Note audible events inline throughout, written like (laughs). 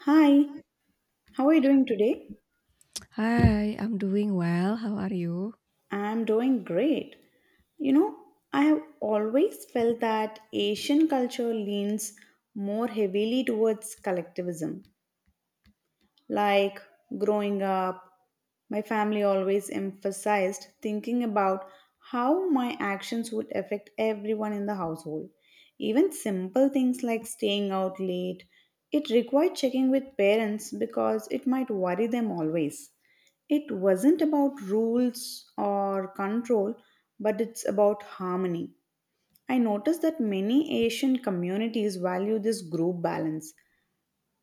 Hi, how are you doing today? Hi, I'm doing well. How are you? I'm doing great. You know, I have always felt that Asian culture leans more heavily towards collectivism. Like growing up, my family always emphasized thinking about how my actions would affect everyone in the household. Even simple things like staying out late, it required checking with parents because it might worry them always. It wasn't about rules or control, but it's about harmony. I noticed that many Asian communities value this group balance.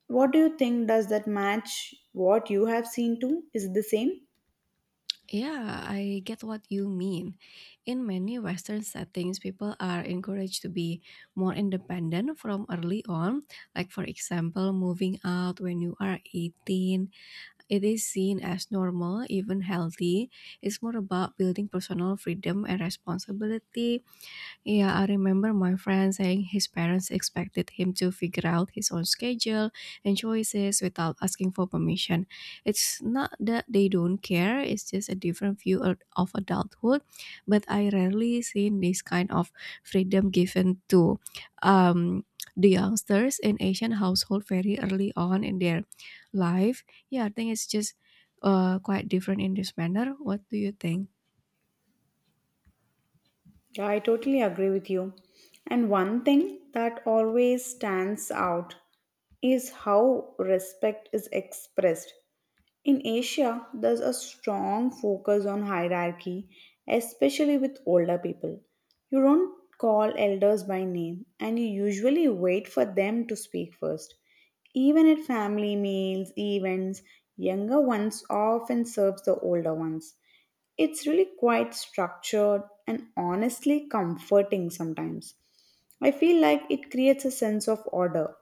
What do you think? Does that match what you have seen too? Is it the same? Yeah, I get what you mean. In many Western settings, people are encouraged to be more independent from early on. Like, for example, moving out when you are 18. It is seen as normal, even healthy. It's more about building personal freedom and responsibility. Yeah, I remember my friend saying his parents expected him to figure out his own schedule and choices without asking for permission. It's not that they don't care, it's just a different view of adulthood, but I rarely seen this kind of freedom given to um the youngsters in Asian household very early on in their life. Yeah, I think it's just quite different in this manner. What do you think? Yeah, I totally agree with you. And one thing that always stands out is how respect is expressed. In Asia, there's a strong focus on hierarchy, especially with older people. You don't call elders by name and you usually wait for them to speak first. Even at family meals, events, younger ones often serves the older ones. It's really quite structured and honestly comforting sometimes. I feel like it creates a sense of order.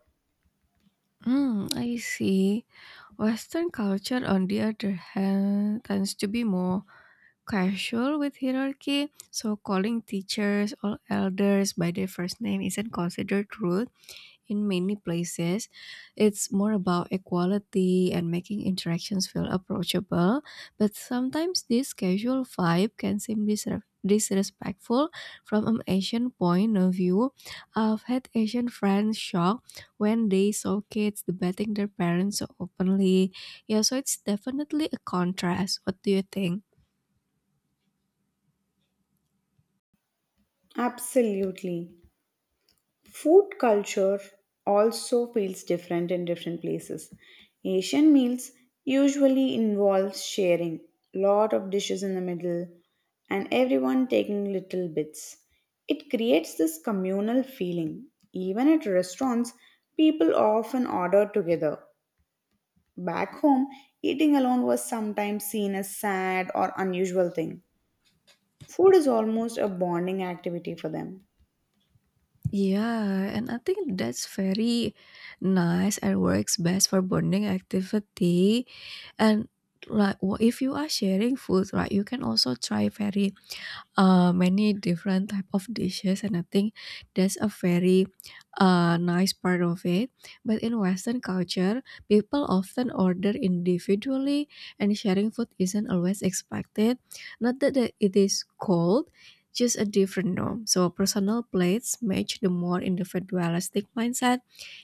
Mm, I see. Western culture, on the other hand, tends to be more casual with hierarchy, so calling teachers or elders by their first name isn't considered rude in many places. It's more about equality and making interactions feel approachable, but sometimes this casual vibe can seem disrespectful from an Asian point of view. I've had Asian friends shocked when they saw kids debating their parents so openly. Yeah, so it's definitely a contrast. What do you think? Absolutely. Food culture also feels different in different places. Asian meals usually involve sharing lot of dishes in the middle and everyone taking little bits. It creates this communal feeling. Even at restaurants, people often order together. Back home, eating alone was sometimes seen as sad or unusual thing. Food is almost a bonding activity for them. Yeah, and I think that's very nice and works best for bonding activity. And like if you are sharing food, right, you can also try very many different type of dishes, and I think that's a very nice part of it, but in western culture people often order individually and sharing food isn't always expected, not that it is cold, just a different norm, so personal plates match the more individualistic mindset.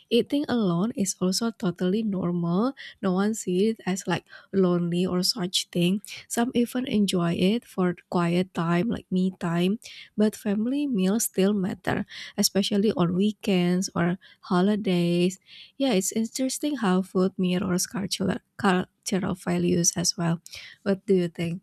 Eating alone is also totally normal. No one sees it as like lonely or such thing. Some even enjoy it for quiet time like me time. But family meals still matter, especially on weekends or holidays. Yeah, it's interesting how food mirrors cultural values as well. What do you think?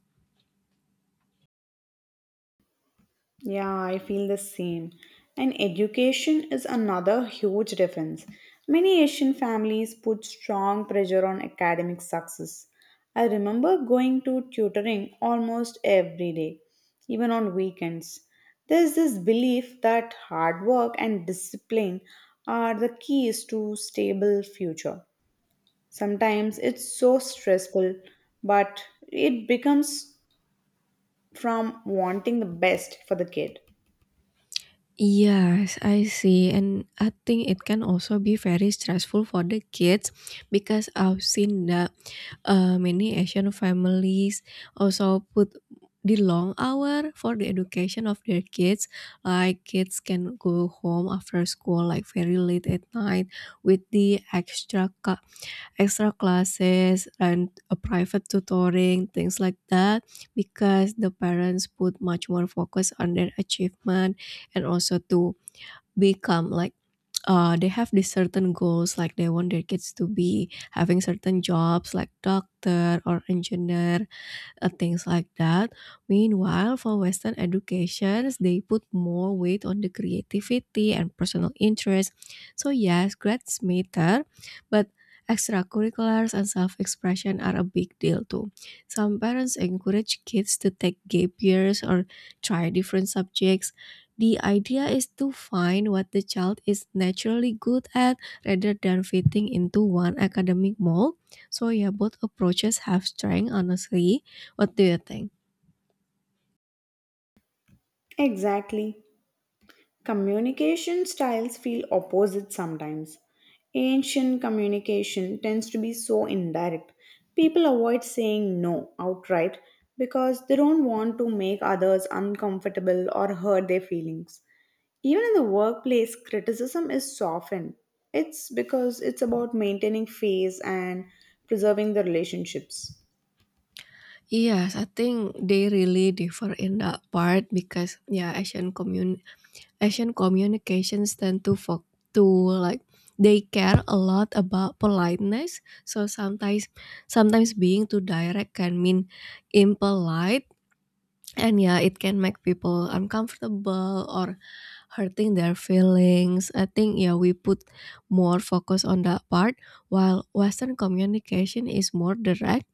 Yeah, I feel the same. And education is another huge difference. Many Asian families put strong pressure on academic success. I remember going to tutoring almost every day, even on weekends. There's this belief that hard work and discipline are the keys to stable future. Sometimes it's so stressful, but it becomes from wanting the best for the kid. Yes, I see. And I think it can also be very stressful for the kids because I've seen that many Asian families also put the long hour for the education of their kids. Like kids can go home after school like very late at night with the extra classes and a private tutoring things like that, because the parents put much more focus on their achievement and also to become like they have these certain goals, like they want their kids to be having certain jobs like doctor or engineer, things like that. Meanwhile, for Western educations, they put more weight on the creativity and personal interest. So yes, grades matter, but extracurriculars and self-expression are a big deal too. Some parents encourage kids to take gap years or try different subjects. The idea is to find what the child is naturally good at rather than fitting into one academic mold. So yeah, both approaches have strength honestly. What do you think? Exactly. Communication styles feel opposite sometimes. Ancient communication tends to be so indirect. People avoid saying no outright because they don't want to make others uncomfortable or hurt their feelings. Even in the workplace, criticism is softened. It's because it's about maintaining face and preserving the relationships. Yes, I think they really differ in that part because yeah, Asian communications tend to like, they care a lot about politeness. So sometimes being too direct can mean impolite, and yeah, it can make people uncomfortable or hurting their feelings. I think yeah, we put more focus on that part, while Western communication is more direct,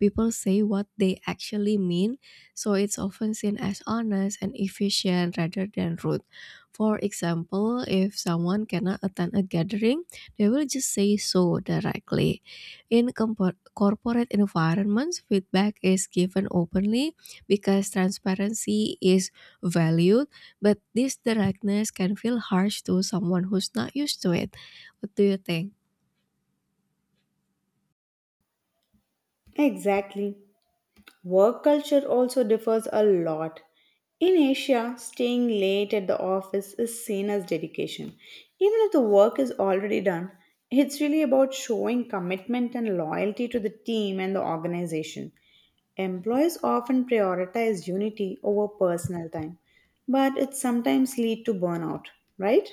people say what they actually mean, so it's often seen as honest and efficient rather than rude. For example, if someone cannot attend a gathering, they will just say so directly. In corporate environments, feedback is given openly because transparency is valued, but this directness can feel harsh to someone who's not used to it. What do you think? Exactly. Work culture also differs a lot. In Asia, staying late at the office is seen as dedication. Even if the work is already done, it's really about showing commitment and loyalty to the team and the organization. Employees often prioritize unity over personal time, but it sometimes lead to burnout, right?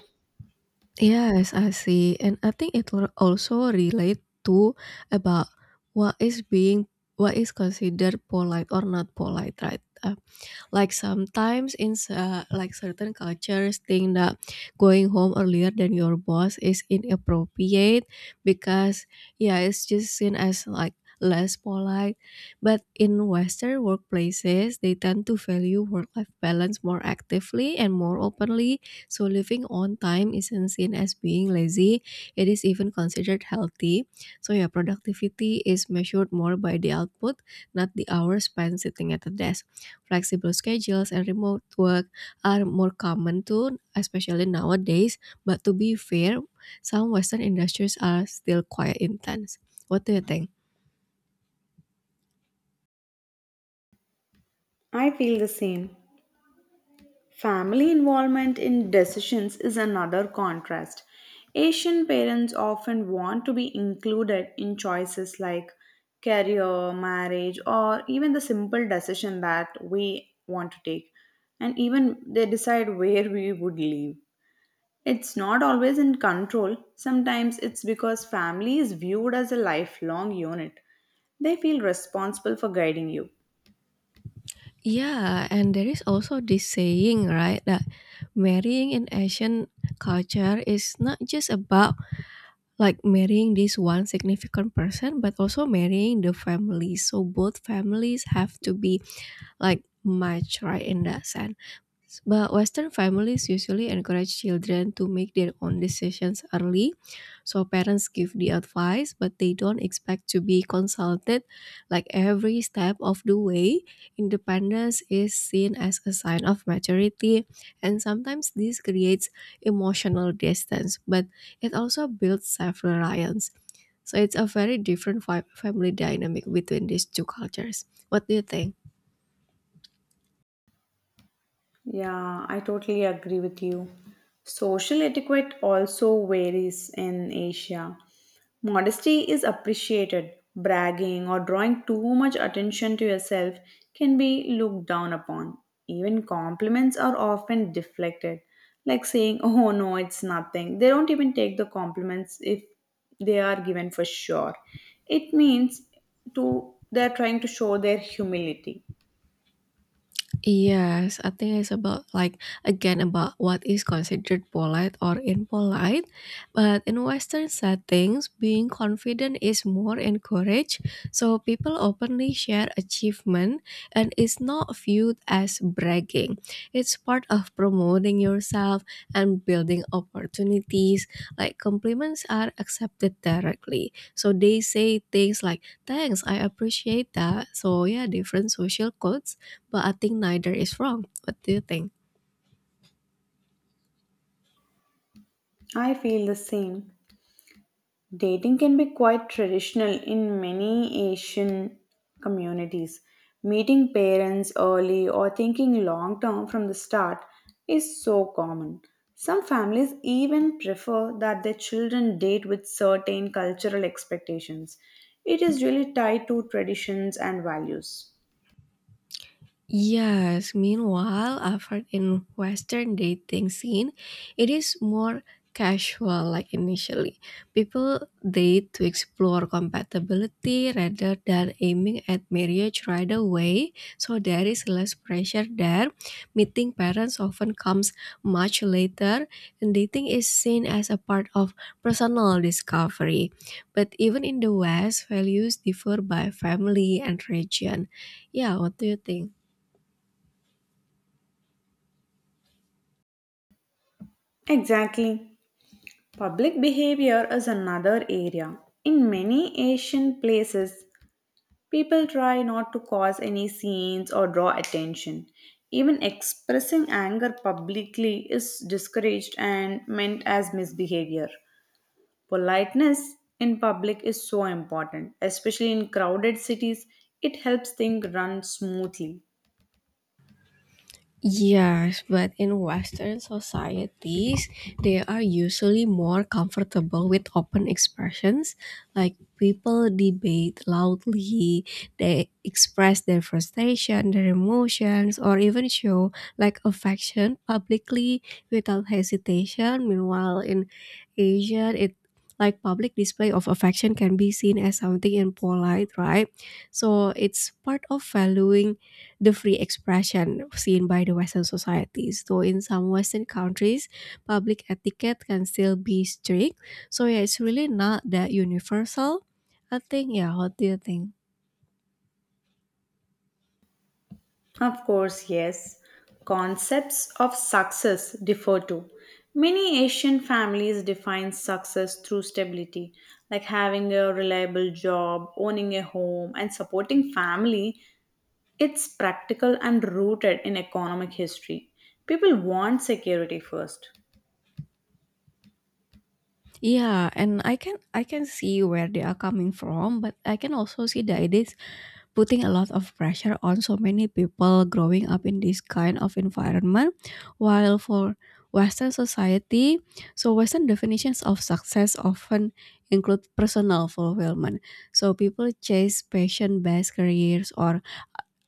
Yes, I see, and I think it will also relate to about what is being, what is considered polite or not polite, right? Like sometimes in like certain cultures think that going home earlier than your boss is inappropriate because yeah, it's just seen as like less polite. But in Western workplaces, they tend to value work-life balance more actively and more openly. So living on time isn't seen as being lazy. It is even considered healthy. So yeah, productivity is measured more by the output, not the hours spent sitting at a desk. Flexible schedules and remote work are more common too, especially nowadays. But to be fair, some Western industries are still quite intense. What do you think? I feel the same. Family involvement in decisions is another contrast. Asian parents often want to be included in choices like career, marriage, or even the simple decision that we want to take. And even they decide where we would live. It's not always in control, sometimes it's because family is viewed as a lifelong unit. They feel responsible for guiding you. Yeah, and there is also this saying, right, that marrying in Asian culture is not just about like marrying this one significant person, but also marrying the family. So both families have to be like match, right, in that sense. But Western families usually encourage children to make their own decisions early. So parents give the advice, but they don't expect to be consulted like every step of the way. Independence is seen as a sign of maturity, and sometimes this creates emotional distance, but it also builds self reliance. So it's a very different family dynamic between these two cultures. What do you think? Yeah, I totally agree with you. Social etiquette also varies in Asia. Modesty is appreciated. Bragging or drawing too much attention to yourself can be looked down upon. Even compliments are often deflected, like saying, (laughs) "Oh no, it's nothing." They don't even take the compliments if they are given for sure. It means to they're trying to show their humility. Yes, I think it's about like again about what is considered polite or impolite. But in Western settings, being confident is more encouraged, so people openly share achievement and is not viewed as bragging. It's part of promoting yourself and building opportunities. Like compliments are accepted directly. So they say things like, thanks, I appreciate that. So yeah, different social codes, but I think neither is wrong. What do you think? I feel the same. Dating can be quite traditional in many Asian communities. Meeting parents early or thinking long term from the start is so common. Some families even prefer that their children date with certain cultural expectations. It is really tied to traditions and values. Yes, meanwhile, I've heard in Western dating scene, it is more casual like initially. People date to explore compatibility rather than aiming at marriage right away, so there is less pressure there. Meeting parents often comes much later, and dating is seen as a part of personal discovery. But even in the West, values differ by family and region. Yeah, what do you think? Exactly. Public behavior is another area. In many Asian places, people try not to cause any scenes or draw attention. Even expressing anger publicly is discouraged and meant as misbehavior. Politeness in public is so important, especially in crowded cities. It helps things run smoothly. Yes, but in Western societies, they are usually more comfortable with open expressions, like people debate loudly, they express their frustration, their emotions, or even show like affection publicly without hesitation. Meanwhile, in Asia, it, like public display of affection can be seen as something impolite, right? So it's part of valuing the free expression seen by the Western societies. So in some Western countries, public etiquette can still be strict. So yeah, it's really not that universal. I think yeah. What do you think? Of course, yes. Concepts of success differ too. Many Asian families define success through stability, like having a reliable job, owning a home, and supporting family. It's practical and rooted in economic history. People want security first. Yeah, and I can see where they are coming from, but I can also see that it is putting a lot of pressure on so many people growing up in this kind of environment, while for western society, so western definitions of success often include personal fulfillment, so people chase passion based careers or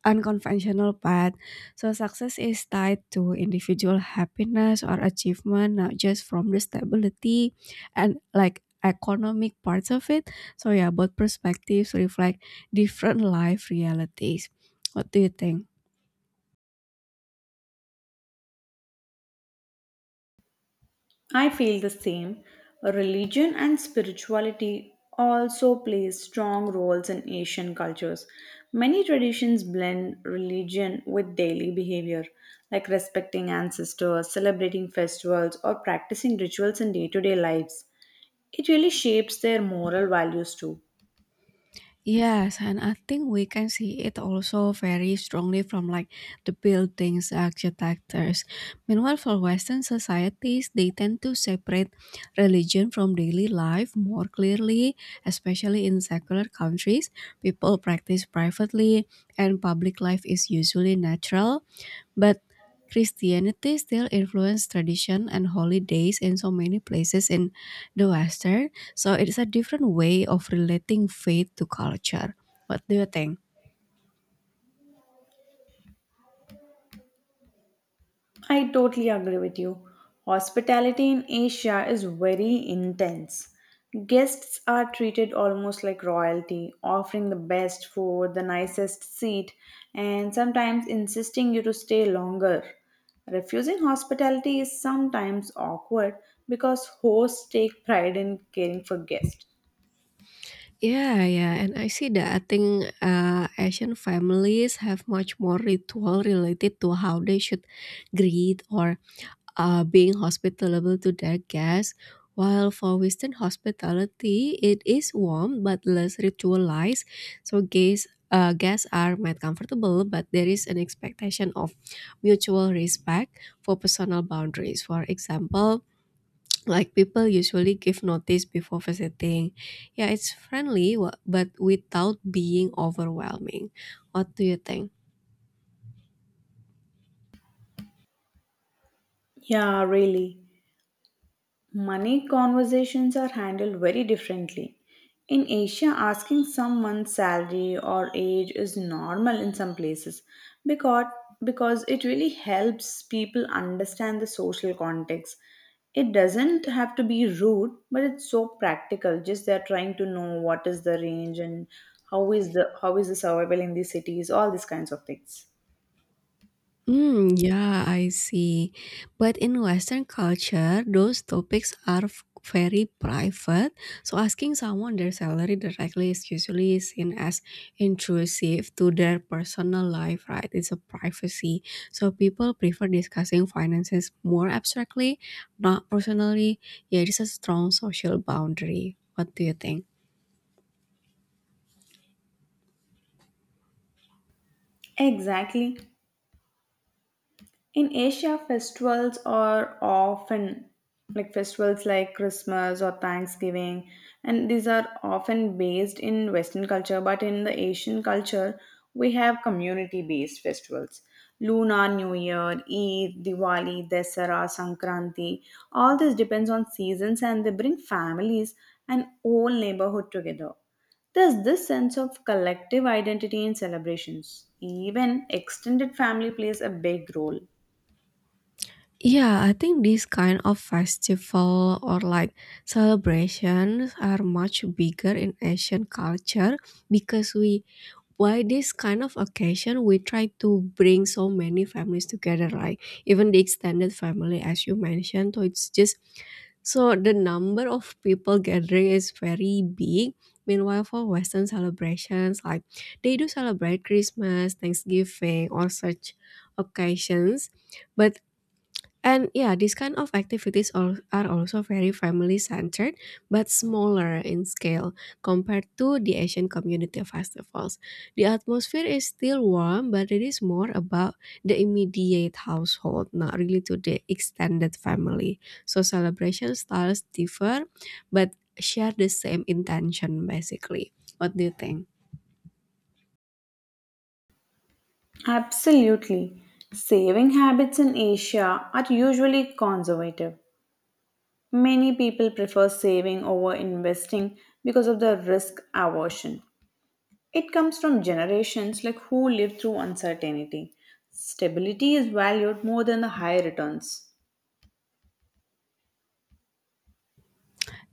unconventional path, so success is tied to individual happiness or achievement, not just from the stability and like economic parts of it. So yeah, both perspectives reflect different life realities. What do you think? I feel the same. Religion and spirituality also play strong roles in Asian cultures. Many traditions blend religion with daily behavior, like respecting ancestors, celebrating festivals, or practicing rituals in day to day lives. It really shapes their moral values too. Yes, and I think we can see it also very strongly from like the buildings architectures. Meanwhile, for Western societies, they tend to separate religion from daily life more clearly, especially in secular countries. People practice privately, and public life is usually natural. But Christianity still influences tradition and holidays in so many places in the Western, so it's a different way of relating faith to culture. What do you think? I totally agree with you. Hospitality in Asia is very intense. Guests are treated almost like royalty, offering the best food, the nicest seat, and sometimes insisting you to stay longer. Refusing hospitality is sometimes awkward because hosts take pride in caring for guests. Yeah, yeah, and I see that. I think Asian families have much more ritual related to how they should greet or being hospitable to their guests, while for Western hospitality, it is warm but less ritualized. So guests are made comfortable, but there is an expectation of mutual respect for personal boundaries. For example, like people usually give notice before visiting. Yeah, it's friendly, but without being overwhelming. What do you think? Yeah, really. Money conversations are handled very differently. In Asia, asking someone's salary or age is normal in some places because, because it really helps people understand the social context. It doesn't have to be rude, but it's so practical. Just they're trying to know what is the range and how is the survival in these cities, all these kinds of things. Mm, yeah, I see. But in Western culture, those topics are very private. So asking someone their salary directly is usually seen as intrusive to their personal life, right? It's a privacy. So people prefer discussing finances more abstractly, not personally. Yeah, it is a strong social boundary. What do you think? Exactly. In Asia, festivals are often like festivals like Christmas or Thanksgiving, and these are often based in Western culture. But in the Asian culture, we have community based festivals. Lunar New Year, Eid, Diwali, Dasara, Sankranti. All this depends on seasons and they bring families and whole neighborhood together. There's this sense of collective identity in celebrations. Even extended family plays a big role. Yeah, I think these kind of festival or like celebrations are much bigger in Asian culture, because we, by this kind of occasion, we try to bring so many families together, like even the extended family as you mentioned. So it's just, so the number of people gathering is very big. Meanwhile, for Western celebrations, like they do celebrate Christmas, Thanksgiving, or such occasions, but and yeah, these kind of activities are also very family centered but smaller in scale compared to the Asian community festivals. The atmosphere is still warm, but it is more about the immediate household, not really to the extended family. So celebration styles differ but share the same intention basically. What do you think? Absolutely. Saving habits in Asia are usually conservative. Many people prefer saving over investing because of the risk aversion. It comes from generations like who lived through uncertainty. Stability is valued more than the high returns.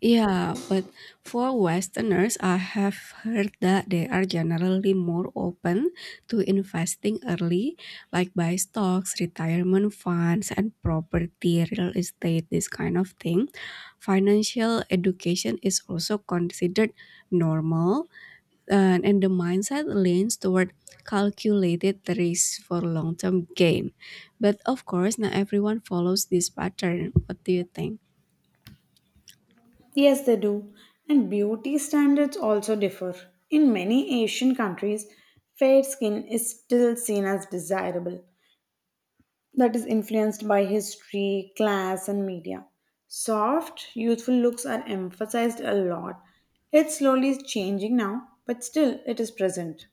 Yeah, but for Westerners, I have heard that they are generally more open to investing early, like buy stocks, retirement funds, and property, real estate, this kind of thing. Financial education is also considered normal, and the mindset leans toward calculated risk for long term gain. But of course, not everyone follows this pattern. What do you think? Yes, they do. And beauty standards also differ. In many Asian countries, fair skin is still seen as desirable, that is influenced by history, class, and media. Soft, youthful looks are emphasized a lot. It slowly is changing now, but still it is present.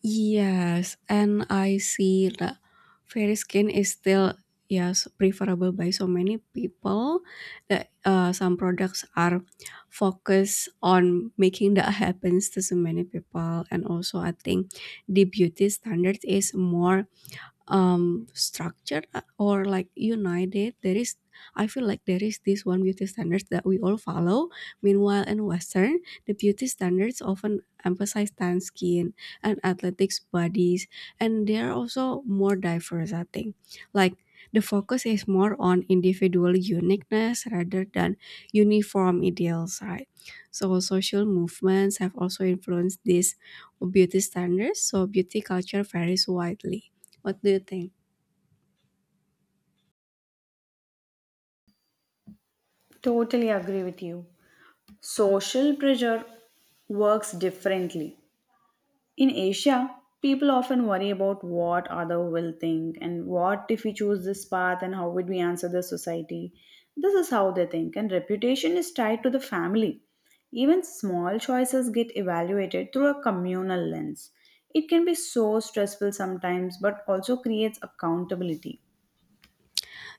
Yes, and I see that fair skin is still, yes, preferable by so many people that some products are focused on making that happens to so many people, and also I think the beauty standard is more structured or like united. There is, I feel like there is this one beauty standards that we all follow. Meanwhile, in western, the beauty standards often emphasize tan skin and athletic bodies, and they are also more diverse, I think. Like, the focus is more on individual uniqueness rather than uniform ideals, right? So social movements have also influenced these beauty standards, so beauty culture varies widely. What do you think? Totally agree with you. Social pressure works differently. In Asia, people often worry about what other will think and what if we choose this path and how would we answer the society. This is how they think, and reputation is tied to the family. Even small choices get evaluated through a communal lens. It can be so stressful sometimes, but also creates accountability.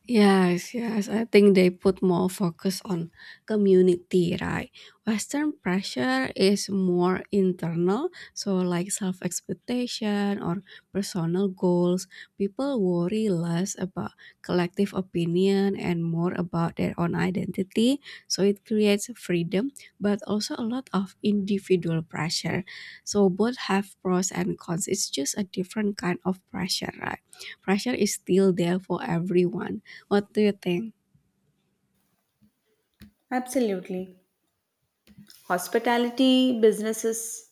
Yes, yes. I think they put more focus on community, right? Western pressure is more internal, so like self expectation or personal goals. People worry less about collective opinion and more about their own identity. So it creates freedom, but also a lot of individual pressure. So both have pros and cons. It's just a different kind of pressure, right? Pressure is still there for everyone. What do you think? Absolutely. Hospitality businesses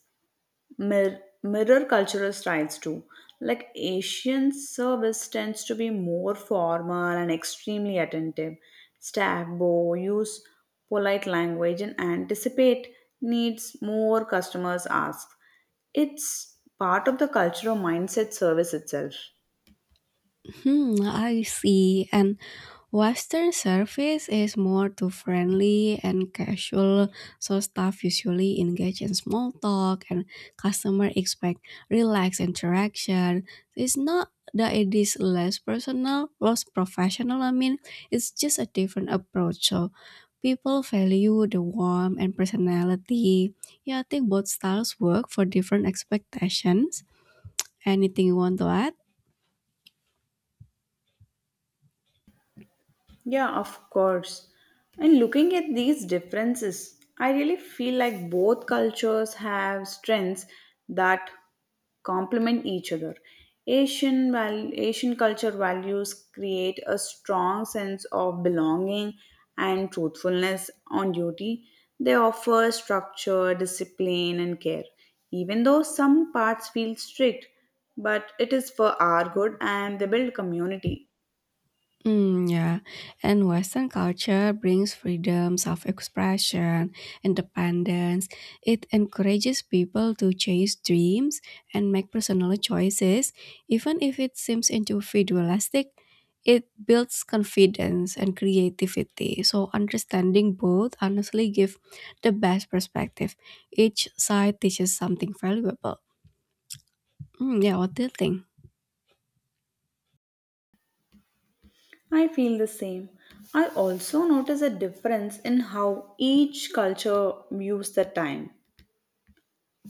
mirror cultural styles too. Like Asian service tends to be more formal and extremely attentive. Staff bow, use polite language, and anticipate needs more customers ask. It's part of the cultural mindset service itself. Hmm, I see. And Western service is more to friendly and casual, so staff usually engage in small talk and customer expect relaxed interaction. It's not that it is less personal, less professional, I mean, it's just a different approach. So people value the warmth and personality. Yeah, I think both styles work for different expectations. Anything you want to add? Yeah, of course. And looking at these differences, I really feel like both cultures have strengths that complement each other. Asian culture values create a strong sense of belonging and truthfulness on duty. They offer structure, discipline, and care. Even though some parts feel strict, but it is for our good and they build community. Mm, yeah, and Western culture brings freedoms of expression, independence. It encourages people to chase dreams and make personal choices, even if it seems individualistic. It builds confidence and creativity. So understanding both honestly give the best perspective. Each side teaches something valuable. Mm, yeah, what do you think? I feel the same. I also notice a difference in how each culture views the time.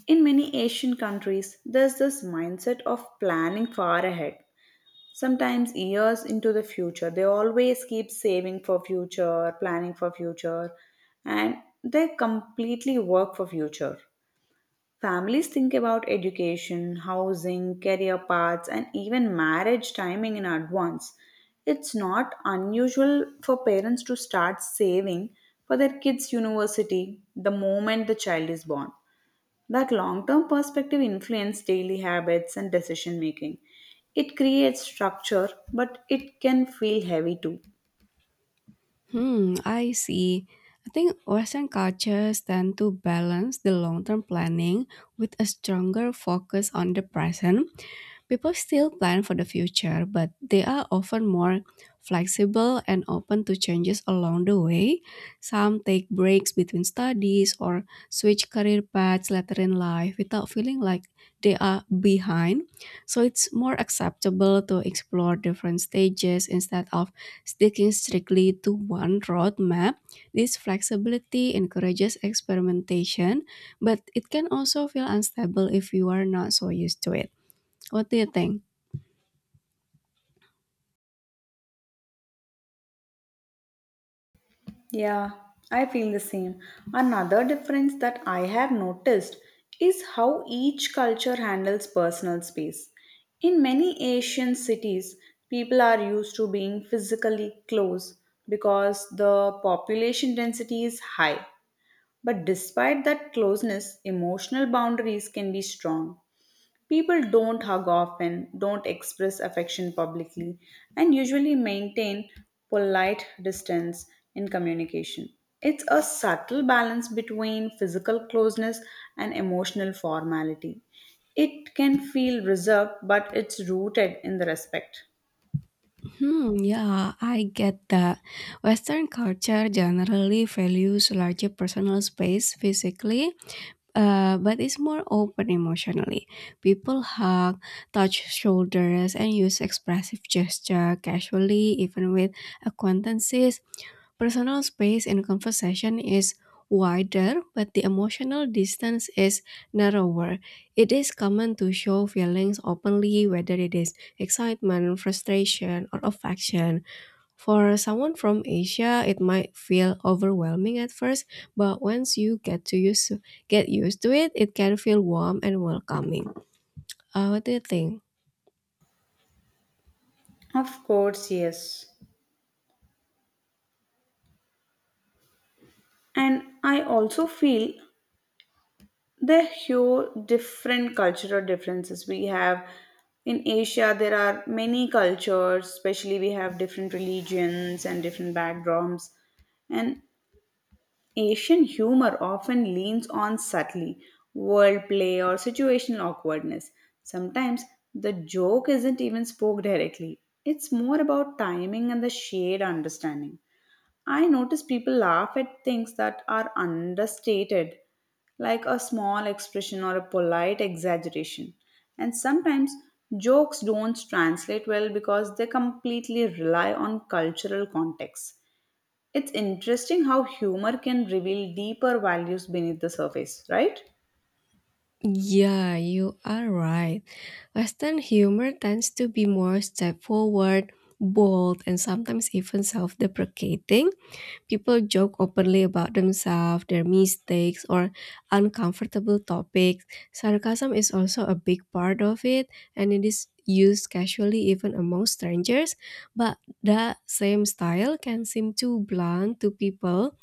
In many Asian countries, there's this mindset of planning far ahead, sometimes years into the future. They always keep saving for future, planning for future, and they completely work for future. Families think about education, housing, career paths, and even marriage timing in advance. It's not unusual for parents to start saving for their kids' university the moment the child is born. That long term perspective influences daily habits and decision making. It creates structure, but it can feel heavy too. Hmm, I see. I think Western cultures tend to balance the long term planning with a stronger focus on the present. People still plan for the future, but they are often more flexible and open to changes along the way. Some take breaks between studies or switch career paths later in life without feeling like they are behind. So it's more acceptable to explore different stages instead of sticking strictly to one roadmap. This flexibility encourages experimentation, but it can also feel unstable if you are not so used to it. What do you think? Yeah, I feel the same. Another difference that I have noticed is how each culture handles personal space. In many Asian cities, people are used to being physically close because the population density is high. But despite that closeness, emotional boundaries can be strong. People don't hug often, don't express affection publicly, and usually maintain polite distance in communication. It's a subtle balance between physical closeness and emotional formality. It can feel reserved, but it's rooted in the respect. Hmm, yeah, I get that. Western culture generally values larger personal space physically, but it's more open emotionally. People hug, touch shoulders, and use expressive gesture casually, even with acquaintances. Personal space in conversation is wider, but the emotional distance is narrower. It is common to show feelings openly, whether it is excitement, frustration, or affection. For someone from Asia, it might feel overwhelming at first, but once you get used to it, it can feel warm and welcoming. What do you think? Of course, yes. And I also feel the huge different cultural differences we have in Asia. There are many cultures, especially we have different religions and different backgrounds, and Asian humor often leans on subtly wordplay or situational awkwardness. Sometimes the joke isn't even spoke directly. It's more about timing and the shared understanding. I notice people laugh at things that are understated, like a small expression or a polite exaggeration. And sometimes jokes don't translate well because they completely rely on cultural context. It's interesting how humor can reveal deeper values beneath the surface, right? Yeah, you are right. Western humor tends to be more straightforward, bold, and sometimes even self deprecating. People joke openly about themselves, their mistakes, or uncomfortable topics. Sarcasm is also a big part of it, and it is used casually even among strangers. But that same style can seem too blunt to people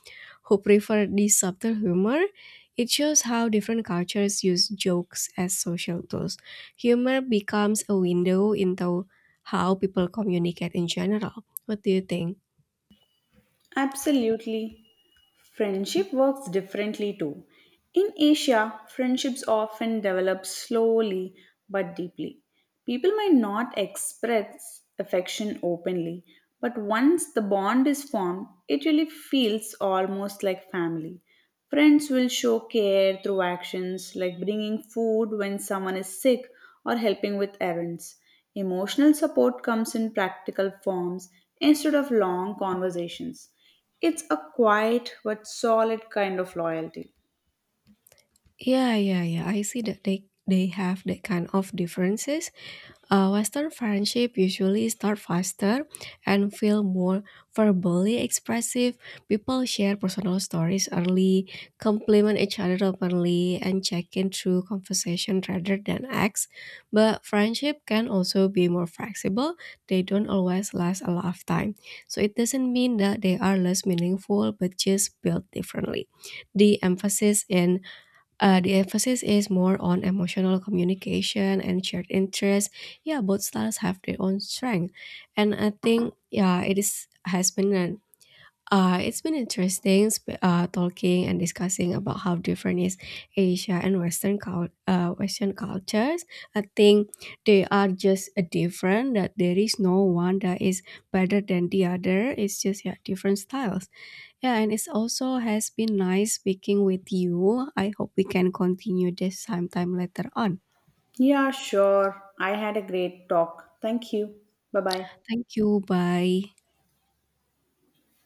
who prefer this subtle humor. It shows how different cultures use jokes as social tools. Humor becomes a window into how people communicate in general. What do you think? Absolutely. Friendship works differently too. In Asia, friendships often develop slowly but deeply. People might not express affection openly, but once the bond is formed, it really feels almost like family. Friends will show care through actions like bringing food when someone is sick or helping with errands. Emotional support comes in practical forms instead of long conversations. It's a quiet but solid kind of loyalty. Yeah, yeah, yeah. I see that they have that kind of differences. Western friendship usually start faster and feel more verbally expressive. People share personal stories early, compliment each other openly, and check in through conversation rather than acts. But friendship can also be more flexible. They don't always last a lifetime. So it doesn't mean that they are less meaningful, but just built differently. The emphasis in the emphasis is more on emotional communication and shared interests. Yeah, both styles have their own strength, and I think, yeah, it is has been an it's been interesting talking and discussing about how different is Asia and Western Western cultures. I think they are just different. That there is no one that is better than the other. It's just, yeah, different styles. Yeah, and it's also has been nice speaking with you. I hope we can continue this sometime later on. Yeah, sure. I had a great talk. Thank you. Bye bye. Thank you. Bye.